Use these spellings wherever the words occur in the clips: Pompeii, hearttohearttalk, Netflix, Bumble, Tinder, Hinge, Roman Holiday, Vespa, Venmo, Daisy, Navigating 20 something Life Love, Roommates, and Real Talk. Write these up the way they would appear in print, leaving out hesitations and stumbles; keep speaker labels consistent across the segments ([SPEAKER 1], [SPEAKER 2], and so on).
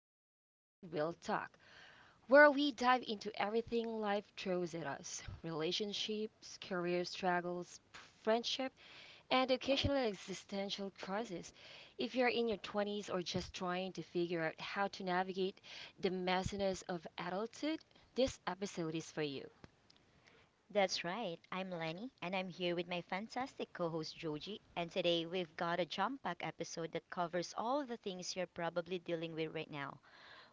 [SPEAKER 1] Roommates, and Real Talk, where we dive into everything life throws at us relationships, career struggles, friendship, and occasional existential crisis. If you're in your 20s or just trying to figure out how to navigate the messiness of adulthood, this episode is for you.
[SPEAKER 2] That's right. I'm Lenny, and I'm here with my fantastic co host Joji. And today we've got a jump pack episode that covers all the things you're probably dealing with right now.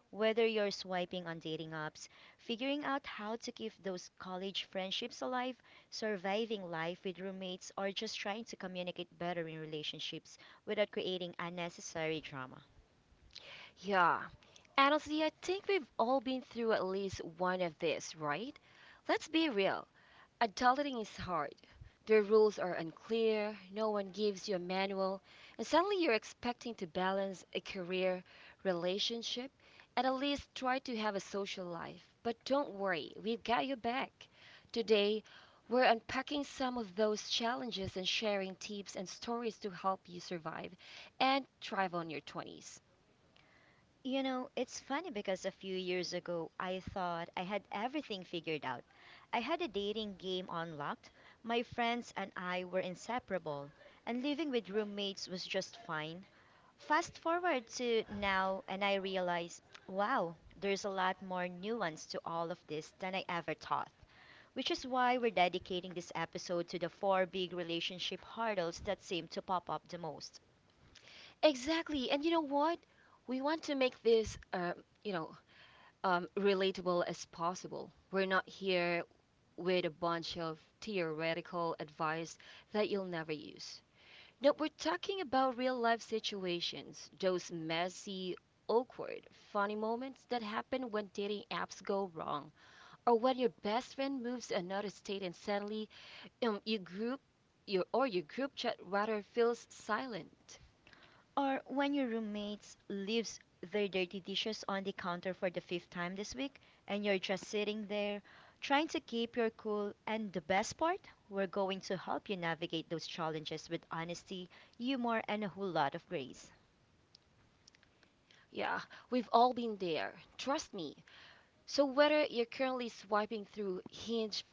[SPEAKER 2] Whether you're swiping on dating apps, figuring out how to keep those college friendships alive, surviving life with roommates, or just trying to communicate better in relationships without creating unnecessary drama.
[SPEAKER 1] Yeah. Honestly, I think we've all been through at least one of these, right? Let's be real. Adulting is hard. The rules are unclear, no one gives you a manual, and suddenly you're expecting to balance a career, relationship, and at least try to have a social life. But don't worry, we've got your back. Today, we're unpacking some of those challenges and sharing tips and stories to help you survive and thrive on your 20s.
[SPEAKER 2] You know, it's funny because a few years ago I thought I had everything figured out. I had a dating game unlocked, my friends and I were inseparable, and living with roommates was just fine. Fast forward to now, and I realize, wow, there's a lot more nuance to all of this than I ever thought. Which is why we're dedicating this episode to the four big relationship hurdles that seem to pop up the most.
[SPEAKER 1] Exactly. And you know what? We want to make this, you know, relatable as possible. We're not here with a bunch of theoretical advice that you'll never use. No, we're talking about real life situations, those messy, awkward, funny moments that happen when dating apps go wrong, or when your best friend moves to another state and suddenly um, your group your, or your group chat rather feels silent.
[SPEAKER 2] Or when your roommate leaves their dirty dishes on the counter for the fifth time this week and you're just sitting there trying to keep your cool. And the best part, we're going to help you navigate those challenges with honesty, humor, and a whole lot of grace.
[SPEAKER 1] Yeah, we've all been there. Trust me. So, whether you're currently swiping through Hinge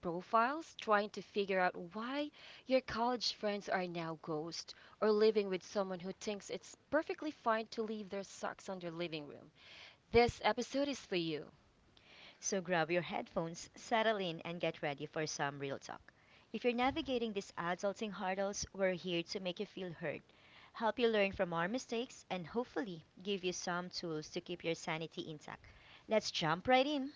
[SPEAKER 1] profiles, trying to figure out why your college friends are now ghosts, or living with someone who thinks it's perfectly fine to leave their socks on their living room, this episode is for you.
[SPEAKER 2] So grab your headphones, settle in, and get ready for some real talk. If you're navigating these adulting hurdles, we're here to make you feel heard, help you learn from our mistakes, and hopefully give you some tools to keep your sanity intact. Let's jump right in.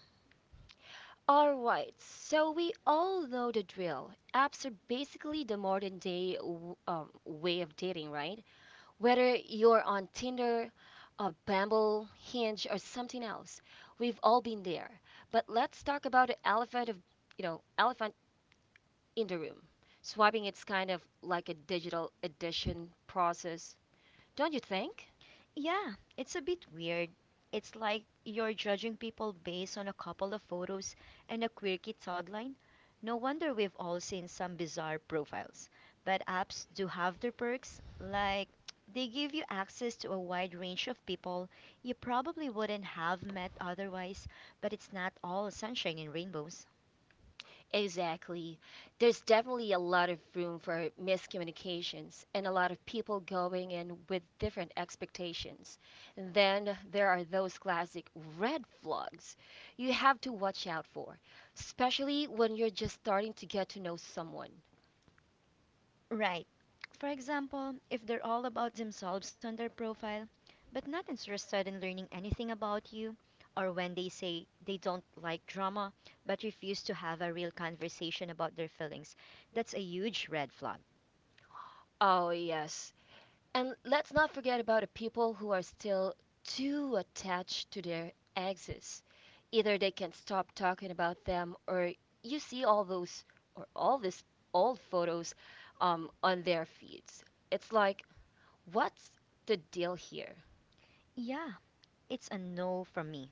[SPEAKER 1] Alright, so we all know the drill. Apps are basically the modern day way of dating, right? Whether you're on Tinder, Bumble, Hinge, or something else, we've all been there. But let's talk about the elephant of, you know, elephant in the room. Swiping it's kind of like a digital addiction process, don't you think?
[SPEAKER 2] Yeah, it's a bit weird. It's like you're judging people based on a couple of photos and a quirky tagline. No wonder we've all seen some bizarre profiles. But apps do have their perks, like they give you access to a wide range of people you probably wouldn't have met otherwise, but it's not all sunshine and rainbows.
[SPEAKER 1] Exactly. There's definitely a lot of room for miscommunications and a lot of people going in with different expectations. And then there are those classic red flags you have to watch out for, especially when you're just starting to get to know someone.
[SPEAKER 2] Right. For example, if they're all about themselves on their profile, but not interested in learning anything about you, or when they say they don't like drama but refuse to have a real conversation about their feelings, that's a huge red flag.
[SPEAKER 1] Oh, yes. And let's not forget about the people who are still too attached to their exes. Either they can stop talking about them, or you see all those or all these old photos on their feeds. It's like, what's the deal here?
[SPEAKER 2] Yeah, it's a no from me.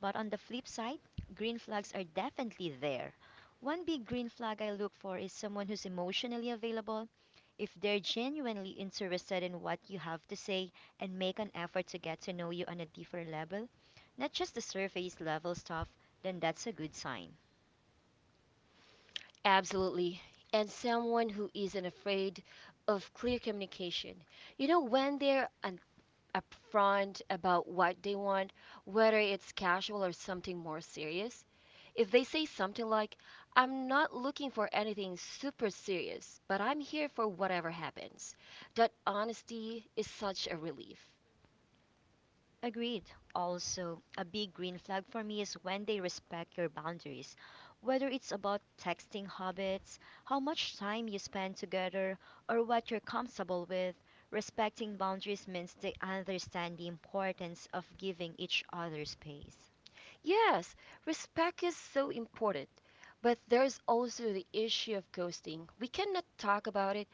[SPEAKER 2] But on the flip side, green flags are definitely there. One big green flag I look for is someone who's emotionally available. If they're genuinely interested in what you have to say and make an effort to get to know you on a deeper level, not just the surface level stuff, then that's a good sign.
[SPEAKER 1] Absolutely. And someone who isn't afraid of clear communication. You know, when they're upfront about what they want, whether it's casual or something more serious. If they say something like, I'm not looking for anything super serious, but I'm here for whatever happens, that honesty is such a relief.
[SPEAKER 2] Agreed. Also, a big green flag for me is when they respect your boundaries, whether it's about texting habits, how much time you spend together, or what you're comfortable with. Respecting boundaries means they understand the importance of giving each other space.
[SPEAKER 1] Yes, respect is so important, but there's also the issue of ghosting. We cannot talk about it.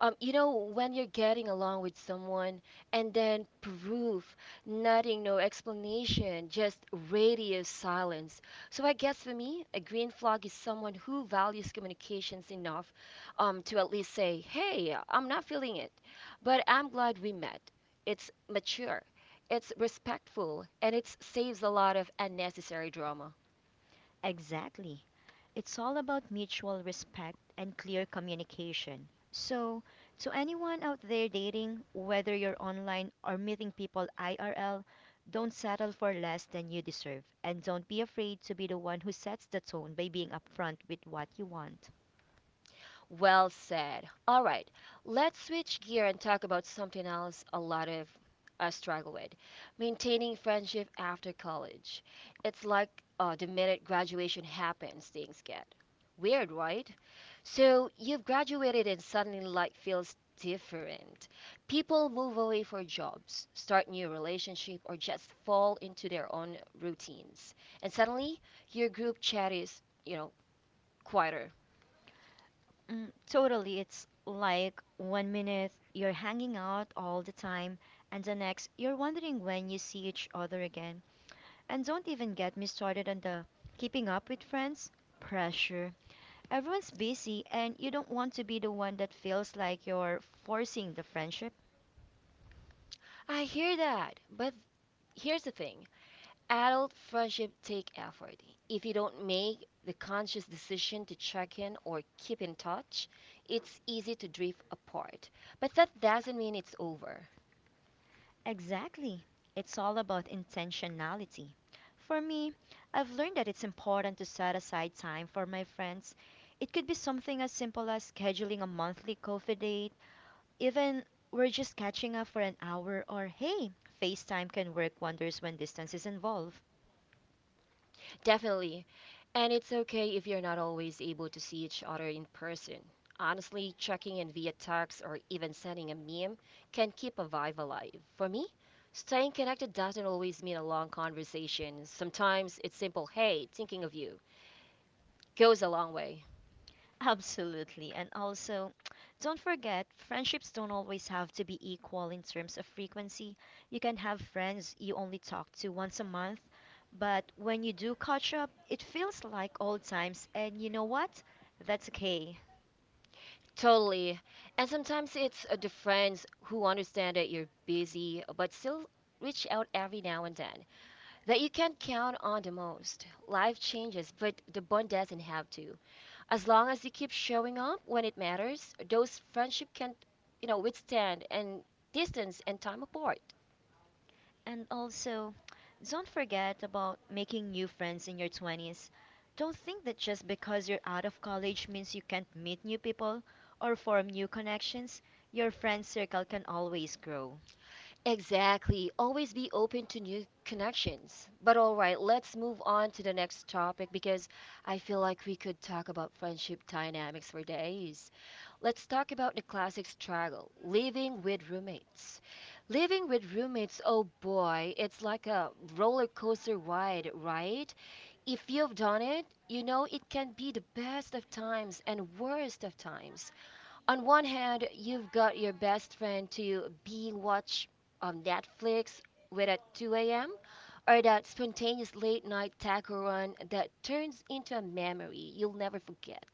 [SPEAKER 1] You know, when you're getting along with someone and then proof, nothing, no explanation, just radio silence. So I guess for me, a green flag is someone who values communications enough to at least say, hey, I'm not feeling it, but I'm glad we met. It's mature it's respectful and it saves a lot of unnecessary drama.
[SPEAKER 2] Exactly. It's all about mutual respect and clear communication. So, to anyone out there dating, whether you're online or meeting people IRL, don't settle for less than you deserve and don't be afraid to be the one who sets the tone by being upfront with what you want.
[SPEAKER 1] Well said. All right, let's switch gear and talk about something else a lot of us struggle with maintaining friendship after college. It's like the minute graduation happens, things get weird, right? So you've graduated and suddenly life feels different. People move away for jobs, start new relationships, or just fall into their own routines. And suddenly your group chat is, you know, quieter.
[SPEAKER 2] Mm, totally. It's like one minute you're hanging out all the time, and the next you're wondering when you see each other again. And don't even get me started on the keeping up with friends pressure. Everyone's busy, and you don't want to be the one that feels like you're forcing the friendship.
[SPEAKER 1] I hear that, but here's the thing adult friendship take effort. If you don't make the conscious decision to check in or keep in touch, it's easy to drift apart. But that doesn't mean it's over.
[SPEAKER 2] Exactly. It's all about intentionality. For me, I've learned that it's important to set aside time for my friends. It could be something as simple as scheduling a monthly coffee date, even we're just catching up for an hour, or hey, FaceTime can work wonders when distance is involved.
[SPEAKER 1] Definitely. And it's okay if you're not always able to see each other in person. Honestly, checking in via text or even sending a meme can keep a vibe alive. For me, staying connected doesn't always mean a long conversation. Sometimes it's simple, hey, thinking of you, goes a long way.
[SPEAKER 2] Absolutely. And also, don't forget, friendships don't always have to be equal in terms of frequency. You can have friends you only talk to once a month, but when you do catch up, it feels like old times. And you know what? That's okay.
[SPEAKER 1] Totally. And sometimes it's the friends who understand that you're busy but still reach out every now and then that you can count on the most. Life changes, but the bond doesn't have to. As long as you keep showing up when it matters, those friendship can, you know, withstand and distance and time apart.
[SPEAKER 2] And also, don't forget about making new friends in your 20s. Don't think that just because you're out of college means you can't meet new people or form new connections. Your friend circle can always grow.
[SPEAKER 1] Exactly. Always be open to new connections. But all right, let's move on to the next topic because I feel like we could talk about friendship dynamics for days. Let's talk about the classic struggle, living with roommates. Living with roommates, oh boy, it's like a roller coaster ride, right? If you've done it, you know it can be the best of times and worst of times on one hand, you've got your best friend to being watch on Netflix with at 2 a.m., or that spontaneous late night taco run that turns into a memory you'll never forget.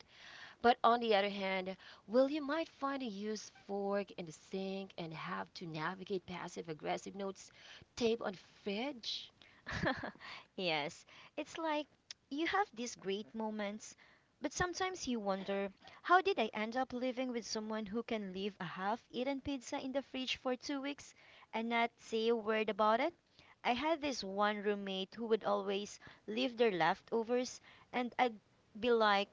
[SPEAKER 1] But on the other hand, well, you might find a used fork in the sink and have to navigate passive aggressive notes tape on fridge.
[SPEAKER 2] Yes, it's like you have these great moments, but sometimes you wonder, how did I end up living with someone who can leave a half-eaten pizza in the fridge for 2 weeks and not say a word about it? I had this one roommate who would always leave their leftovers, and I'd be like,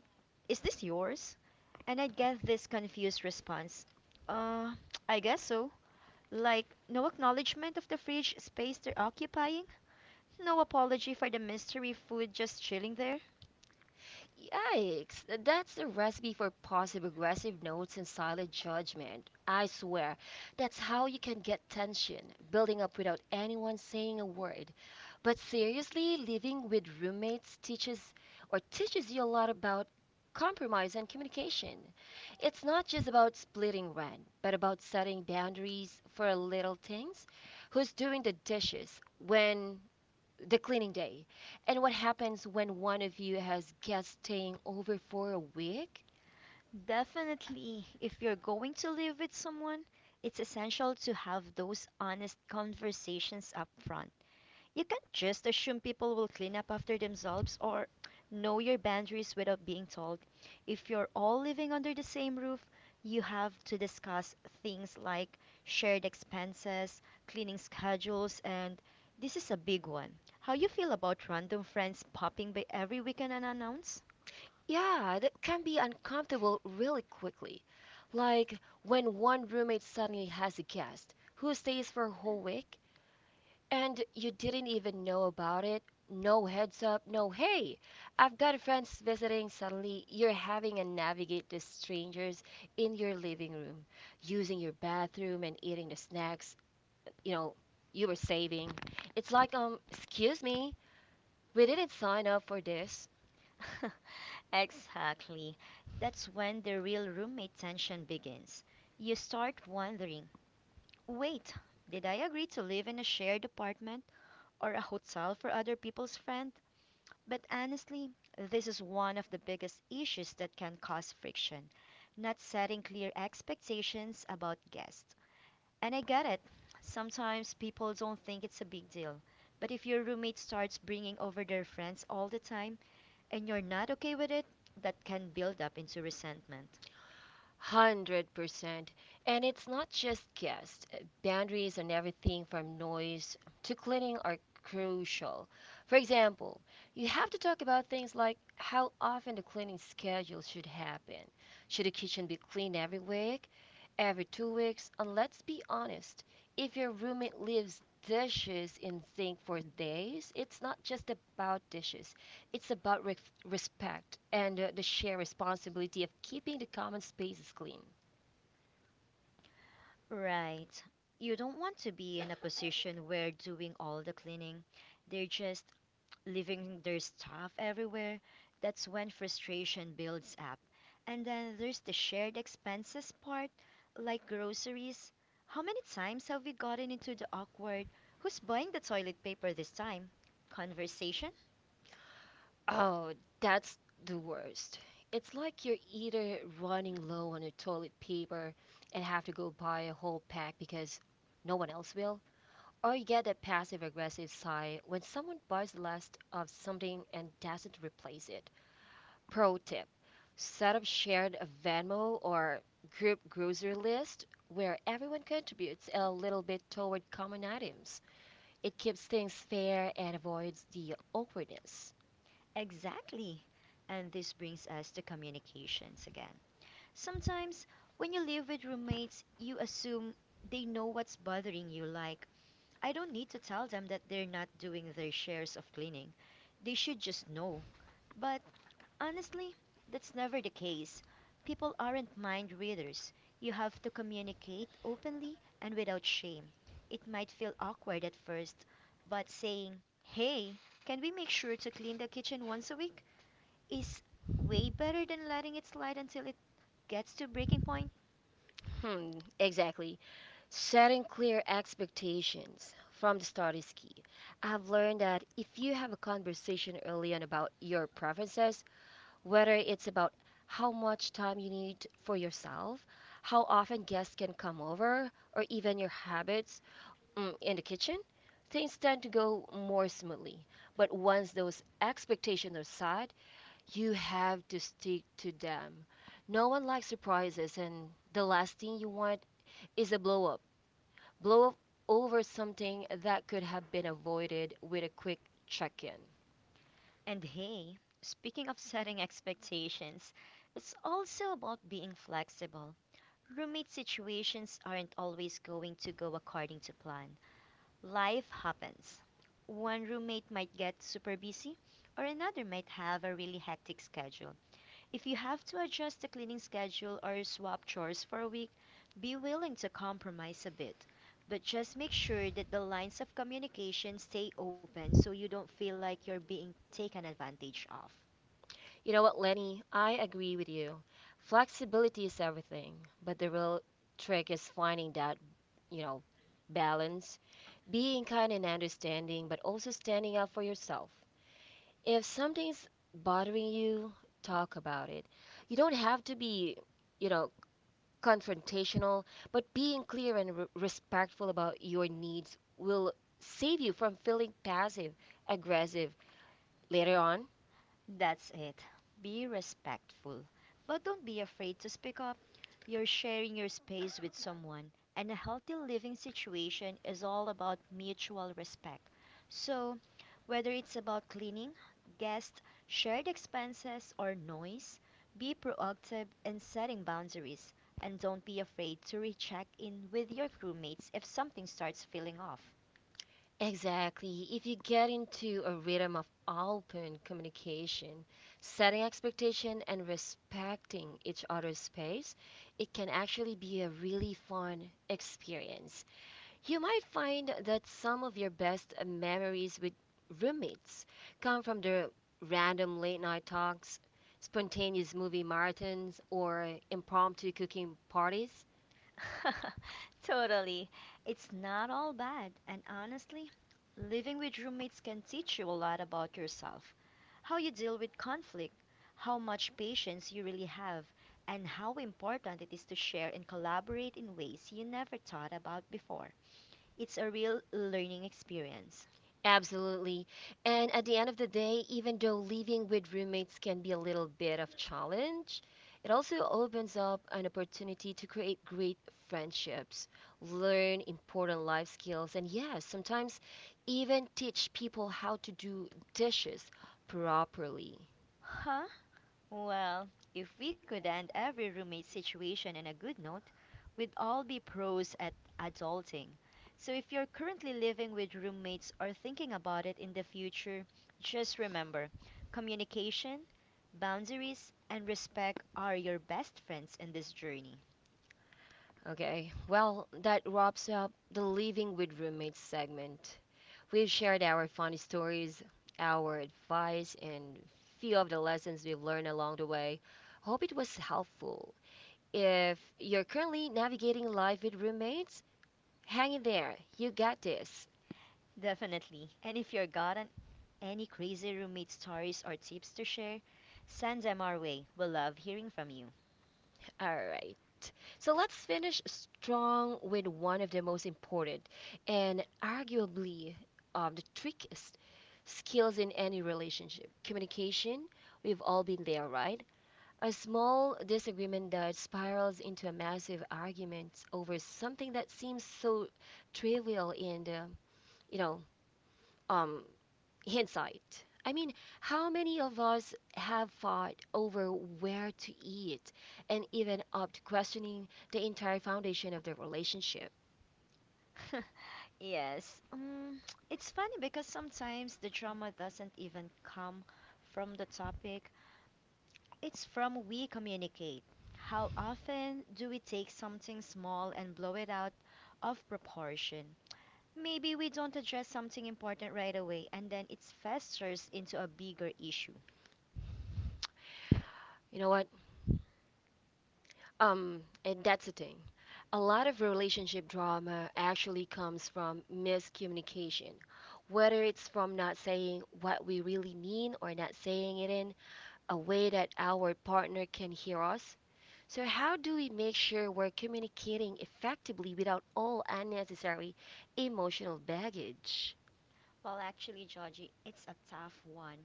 [SPEAKER 2] "Is this yours?" And I'd get this confused response, "Uh, I guess so." Like, no acknowledgement of the fridge space they're occupying. No apology for the mystery food just chilling there.
[SPEAKER 1] Yikes, that's the recipe for passive aggressive notes and silent judgment. I swear, that's how you can get tension building up without anyone saying a word. But seriously, living with roommates teaches you a lot about compromise and communication. It's not just about splitting rent, but about setting boundaries for little things. Who's doing the dishes? When the cleaning day. And what happens when one of you has guests staying over for a week?
[SPEAKER 2] Definitely, if you're going to live with someone, it's essential to have those honest conversations up front. You can't just assume people will clean up after themselves or know your boundaries without being told. If you're all living under the same roof, you have to discuss things like shared expenses, cleaning schedules, and this is a big one. How you feel about random friends popping by every weekend unannounced?
[SPEAKER 1] Yeah, that can be uncomfortable really quickly. Like when one roommate suddenly has a guest who stays for a whole week and you didn't even know about it. No heads up, no hey, I've got friends visiting. Suddenly, you're having to navigate the strangers in your living room, using your bathroom and eating the snacks you know you were saving. It's like excuse me, we didn't sign up for this.
[SPEAKER 2] Exactly. That's when the real roommate tension begins. You start wondering, wait, did I agree to live in a shared apartment? Or a hotel for other people's friend. But honestly, this is one of the biggest issues that can cause friction, not setting clear expectations about guests. And I get it. Sometimes people don't think it's a big deal. But if your roommate starts bringing over their friends all the time and you're not okay with it, that can build up into resentment.
[SPEAKER 1] 100%. And it's not just guests. Boundaries on everything from noise to cleaning are crucial. For example, you have to talk about things like how often the cleaning schedule should happen. Should the kitchen be cleaned every week, every 2 weeks? And let's be honest, if your roommate leaves dishes in sink for days, it's not just about dishes. It's about respect and the shared responsibility of keeping the common spaces clean.
[SPEAKER 2] Right. You don't want to be in a position where doing all the cleaning, they're just leaving their stuff everywhere, that's when frustration builds up. And then there's the shared expenses part, like groceries. How many times have we gotten into the awkward, who's buying the toilet paper this time? Conversation?
[SPEAKER 1] Oh, that's the worst. It's like you're either running low on your toilet paper and have to go buy a whole pack because no one else will, or you get that passive aggressive sigh when someone buys the last of something and doesn't replace it. Pro tip set up shared Venmo or group grocery list where everyone contributes a little bit toward common items. It keeps things fair and avoids the awkwardness.
[SPEAKER 2] Exactly. And this brings us to communications again. Sometimes, when you live with roommates, you assume they know what's bothering you. Like, I don't need to tell them that they're not doing their shares of cleaning. They should just know. But honestly, that's never the case. People aren't mind readers. You have to communicate openly and without shame. It might feel awkward at first, but saying, hey, can we make sure to clean the kitchen once a week? Is way better than letting it slide until it gets to breaking point.
[SPEAKER 1] Hmm, exactly. Setting clear expectations from the start is key. I've learned that if you have a conversation early on about your preferences, whether it's about how much time you need for yourself, how often guests can come over, or even your habits, in the kitchen, things tend to go more smoothly. But once those expectations are set, you have to stick to them. No one likes surprises, and the last thing you want is a blow up. Blow up over something that could have been avoided with a quick check in.
[SPEAKER 2] And hey, speaking of setting expectations, it's also about being flexible. Roommate situations aren't always going to go according to plan. Life happens. One roommate might get super busy, or another might have a really hectic schedule. If you have to adjust the cleaning schedule or swap chores for a week, be willing to compromise a bit. But just make sure that the lines of communication stay open so you don't feel like you're being taken advantage of.
[SPEAKER 1] You know what, Lenny? I agree with you. Flexibility is everything, but the real trick is finding that, you know, balance, being kind and understanding, but also standing up for yourself. If something's bothering you, talk about it. You don't have to be, you know, confrontational, but being clear and respectful about your needs will save you from feeling passive aggressive later on.
[SPEAKER 2] That's it. Be respectful, but don't be afraid to speak up. You're sharing your space with someone, and a healthy living situation is all about mutual respect. So, whether it's about cleaning, guests, shared expenses, or noise, be proactive in setting boundaries, and don't be afraid to recheck in with your crewmates if something starts feeling off.
[SPEAKER 1] Exactly. If you get into a rhythm of open communication, setting expectation and respecting each other's space, it can actually be a really fun experience. You might find that some of your best memories with roommates come from the random late night talks, spontaneous movie marathons, or impromptu cooking parties.
[SPEAKER 2] Totally. It's not all bad, and honestly, living with roommates can teach you a lot about yourself, how you deal with conflict, how much patience you really have, and how important it is to share and collaborate in ways you never thought about before. It's a real learning experience.
[SPEAKER 1] Absolutely. And at the end of the day, even though living with roommates can be a little bit of challenge, it also opens up an opportunity to create great friendships, learn important life skills, and yes, sometimes even teach people how to do dishes properly.
[SPEAKER 2] Huh? Well, if we could end every roommate situation in a good note, we'd all be pros at adulting. So if you're currently living with roommates or thinking about it in the future, just remember communication, boundaries, and respect are your best friends in this journey.
[SPEAKER 1] Okay, well, that wraps up the living with roommates segment. We've shared our funny stories, our advice, and few of the lessons we've learned along the way. Hope it was helpful. If you're currently navigating life with roommates, hang in there. You got this.
[SPEAKER 2] Definitely. And if any crazy roommate stories or tips to share, send them our way. We'll love hearing from you.
[SPEAKER 1] All right. So let's finish strong with one of the most important and arguably the trickiest skills in any relationship communication. We've all been there, right? A small disagreement that spirals into a massive argument over something that seems so trivial in the, you know, um, hindsight. I mean, how many of us have fought over where to eat and even up to questioning the entire foundation of the relationship?
[SPEAKER 2] Yes. It's funny because sometimes the drama doesn't even come from the topic. It's from we communicate. How often do we take something small and blow it out of proportion? Maybe we don't address something important right away and then it festers into a bigger issue.
[SPEAKER 1] You know what? And that's the thing. A lot of relationship drama actually comes from miscommunication, whether it's from not saying what we really mean or not saying it in a way that our partner can hear us. So, how do we make sure we're communicating effectively without all unnecessary emotional baggage?
[SPEAKER 2] Well, actually, Georgie, it's a tough one.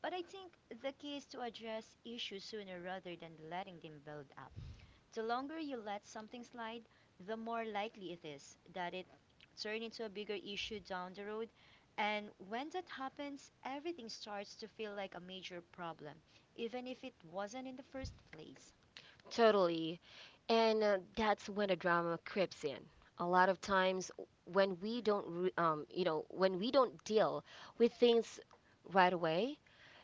[SPEAKER 2] But I think the key is to address issues sooner rather than letting them build up. The longer you let something slide, the more likely it is that it turn into a bigger issue down the road. And when that happens, everything starts to feel like a major problem, even if it wasn't in the first place.
[SPEAKER 1] Totally. And that's when the drama creeps in. A lot of times when we don't re- you know, when we don't deal with things right away,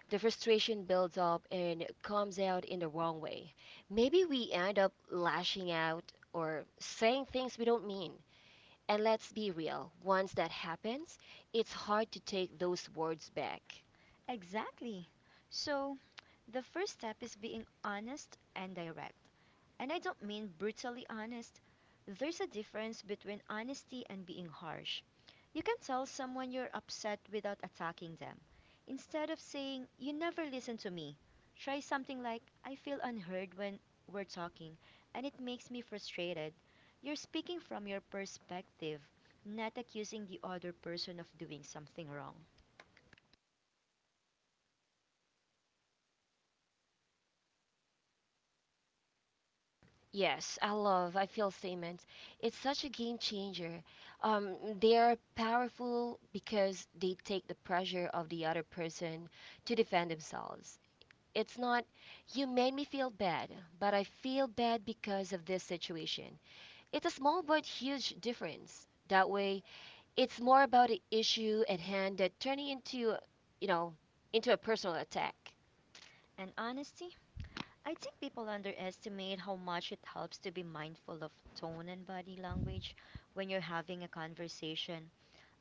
[SPEAKER 1] the frustration builds up and comes out in the wrong way. Maybe we end up lashing out or saying things we don't mean. And let's be real, once that happens, it's hard to take those words back.
[SPEAKER 2] Exactly. So, the first step is being honest and direct. And I don't mean brutally honest. There's a difference between honesty and being harsh. You can tell someone you're upset without attacking them. Instead of saying, You never listen to me, try something like, I feel unheard when we're talking, and it makes me frustrated. You're speaking from your perspective, not accusing the other person of doing something wrong.
[SPEAKER 1] Yes, I love. I feel same. It's such a game changer. They are powerful because they take the pressure of the other person to defend themselves. It's not, you made me feel bad, but I feel bad because of this situation. It's a small but huge difference. That way, it's more about the issue at hand that turning into, you know, into a personal attack.
[SPEAKER 2] And honesty? I think people underestimate how much it helps to be mindful of tone and body language when you're having a conversation.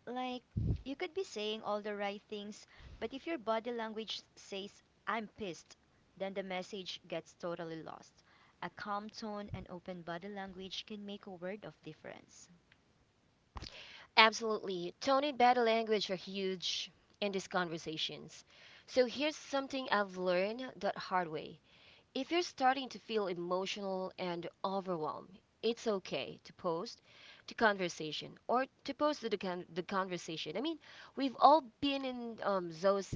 [SPEAKER 2] Like, you could be saying all the right things, but if your body language says, I'm pissed, then the message gets totally lost. A calm tone and open body language can make a world of difference.
[SPEAKER 1] Absolutely. Tone and body language are huge in these conversations. So here's something I've learned the hard way. If you're starting to feel emotional and overwhelmed, it's okay to post the conversation or to the conversation. I mean, we've all been in those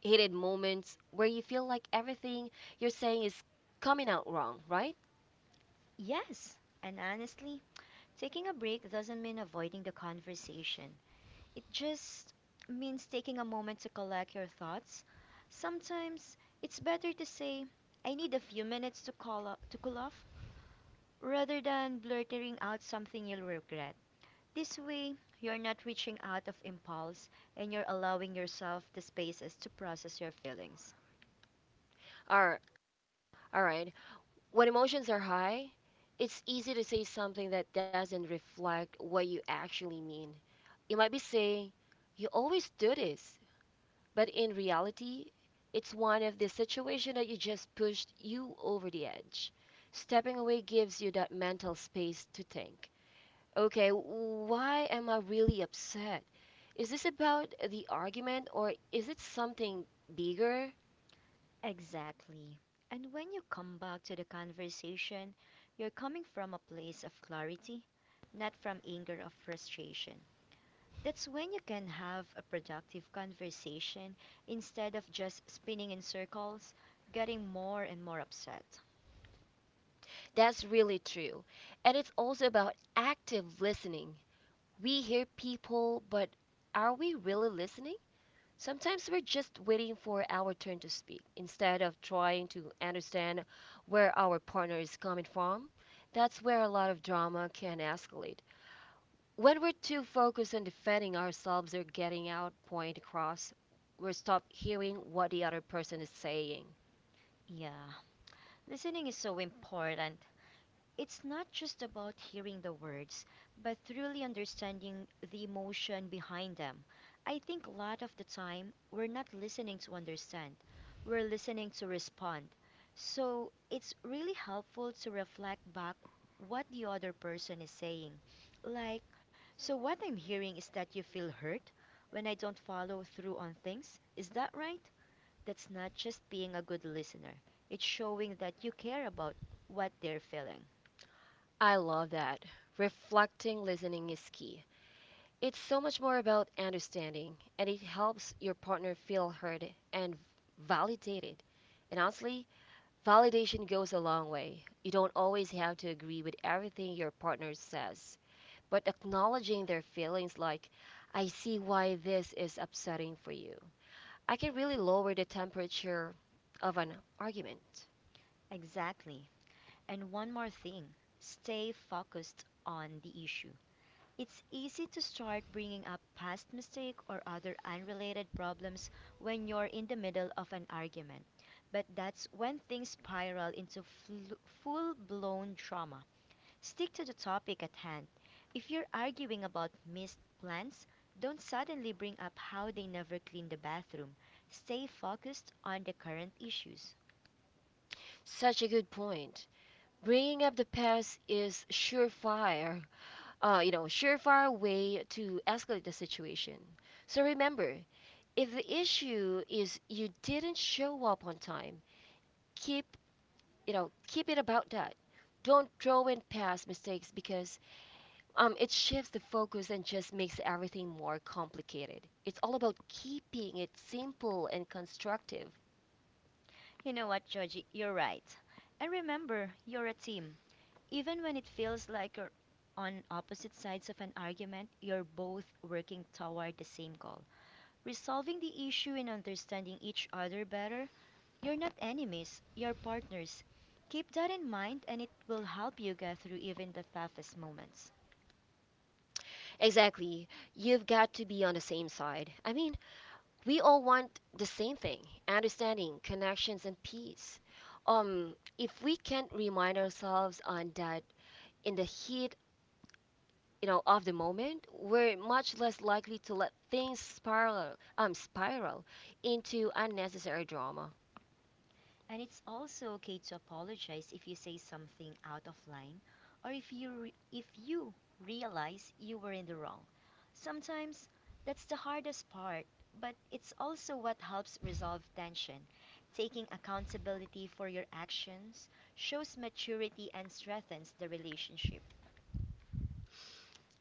[SPEAKER 1] heated moments where you feel like everything you're saying is coming out wrong, right?
[SPEAKER 2] Yes, and honestly, taking a break doesn't mean avoiding the conversation. It just means taking a moment to collect your thoughts. Sometimes it's better to say, I need a few minutes to to cool off, rather than blurting out something you'll regret. This way, you're not reaching out of impulse and you're allowing yourself the spaces to process your feelings.
[SPEAKER 1] All right. All right. When emotions are high, it's easy to say something that doesn't reflect what you actually mean. You might be saying, "You always do this," but in reality, it's one of the situation that you just pushed you over the edge. Stepping away gives you that mental space to think. Okay, why am I really upset? Is this about the argument or is it something bigger?
[SPEAKER 2] Exactly. And when you come back to the conversation, you're coming from a place of clarity, not from anger or frustration. That's when you can have a productive conversation instead of just spinning in circles, getting more and more upset.
[SPEAKER 1] That's really true. And it's also about active listening. We hear people, but are we really listening? Sometimes we're just waiting for our turn to speak instead of trying to understand where our partner is coming from. That's where a lot of drama can escalate. When we're too focused on defending ourselves or getting our point across, we stop hearing what the other person is saying.
[SPEAKER 2] Yeah. Listening is so important. It's not just about hearing the words, but truly understanding the emotion behind them. I think a lot of the time we're not listening to understand, we're listening to respond. So it's really helpful to reflect back what the other person is saying. Like, so what I'm hearing is that you feel hurt when I don't follow through on things. Is that right? That's not just being a good listener, it's showing that you care about what they're feeling.
[SPEAKER 1] I love that. Reflecting listening is key. It's so much more about understanding, and it helps your partner feel heard and validated. And honestly, validation goes a long way. You don't always have to agree with everything your partner says, but acknowledging their feelings, like, I see why this is upsetting for you, I can really lower the temperature of an argument.
[SPEAKER 2] Exactly. And one more thing, stay focused on the issue. It's easy to start bringing up past mistake or other unrelated problems when you're in the middle of an argument. But that's when things spiral into full-blown trauma. Stick to the topic at hand. If you're arguing about missed plans, don't suddenly bring up how they never clean the bathroom. Stay focused on the current issues.
[SPEAKER 1] Such a good point. Bringing up the past is surefire way to escalate the situation. So remember, if the issue is you didn't show up on time, keep keep it about that. Don't throw in past mistakes because it shifts the focus and just makes everything more complicated. It's all about keeping it simple and constructive.
[SPEAKER 2] You know what, Georgie? You're right. And remember, you're a team. Even when it feels like you're on opposite sides of an argument, you're both working toward the same goal. Resolving the issue and understanding each other better, you're not enemies, you're partners. Keep that in mind, and it will help you get through even the toughest moments.
[SPEAKER 1] Exactly. You've got to be on the same side. I mean, we all want the same thing understanding connections and peace, if we can't remind ourselves on that in the heat of the moment, we're much less likely to let things spiral into unnecessary drama.
[SPEAKER 2] And it's also okay to apologize if you say something out of line or if you realize you were in the wrong. Sometimes that's the hardest part, but it's also what helps resolve tension. Taking accountability for your actions shows maturity and strengthens the relationship.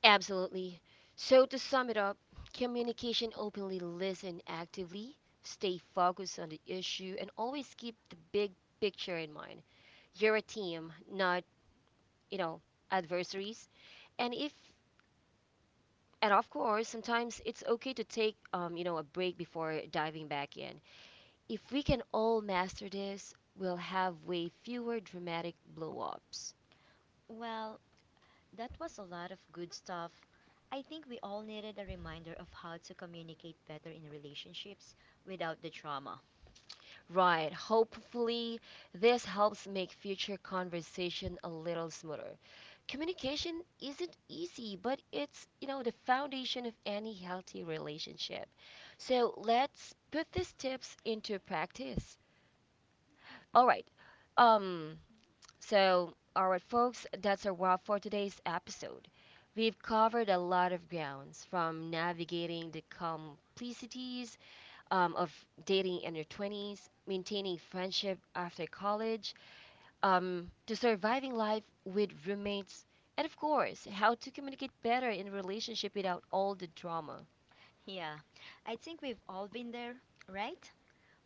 [SPEAKER 1] Absolutely. So to sum it up, communication openly, listen actively, stay focused on the issue, and always keep the big picture in mind. You're a team, not, you know adversaries. And if and of course, sometimes it's okay to take a break before diving back in. If we can all master this, we'll have way fewer dramatic blow-ups.
[SPEAKER 2] Well, that was a lot of good stuff. I think we all needed a reminder of how to communicate better in relationships without the trauma.
[SPEAKER 1] Right. Hopefully this helps make future conversation a little smoother. Communication isn't easy, but it's, the foundation of any healthy relationship. So let's put these tips into practice. All right. um all right, folks, that's a wrap for today's episode. We've covered a lot of grounds, from navigating the complexities of dating in your 20s, maintaining friendship after college, to surviving life with roommates, and of course, how to communicate better in a relationship without all the drama.
[SPEAKER 2] Yeah, I think we've all been there, right?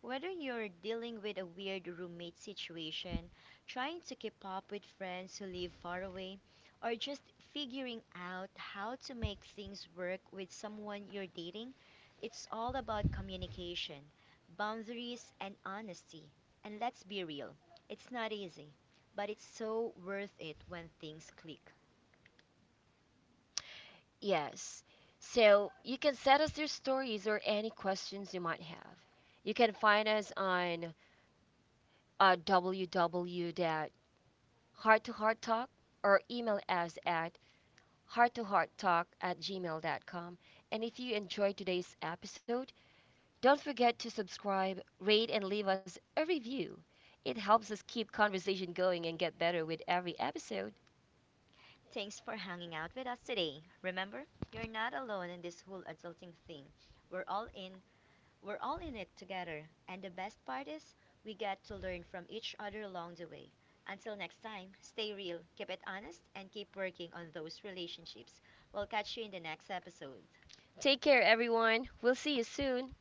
[SPEAKER 2] Whether you're dealing with a weird roommate situation, trying to keep up with friends who live far away, or just figuring out how to make things work with someone you're dating, it's all about communication, boundaries, and honesty. And let's be real, it's not easy, but it's so worth it when things click.
[SPEAKER 1] Yes. So you can send us your stories or any questions you might have. You can find us on www.hearttohearttalk, or email us at hearttohearttalk@gmail.com. And if you enjoyed today's episode, don't forget to subscribe, rate, and leave us a review. It helps us keep conversation going and get better with every episode.
[SPEAKER 2] Thanks for hanging out with us today. Remember, you're not alone in this whole adulting thing. We're all in we're all in it together, and the best part is we get to learn from each other along the way. Until next time, stay real, keep it honest, and keep working on those relationships. We'll catch you in the next episode.
[SPEAKER 1] Take care, everyone. We'll see you soon.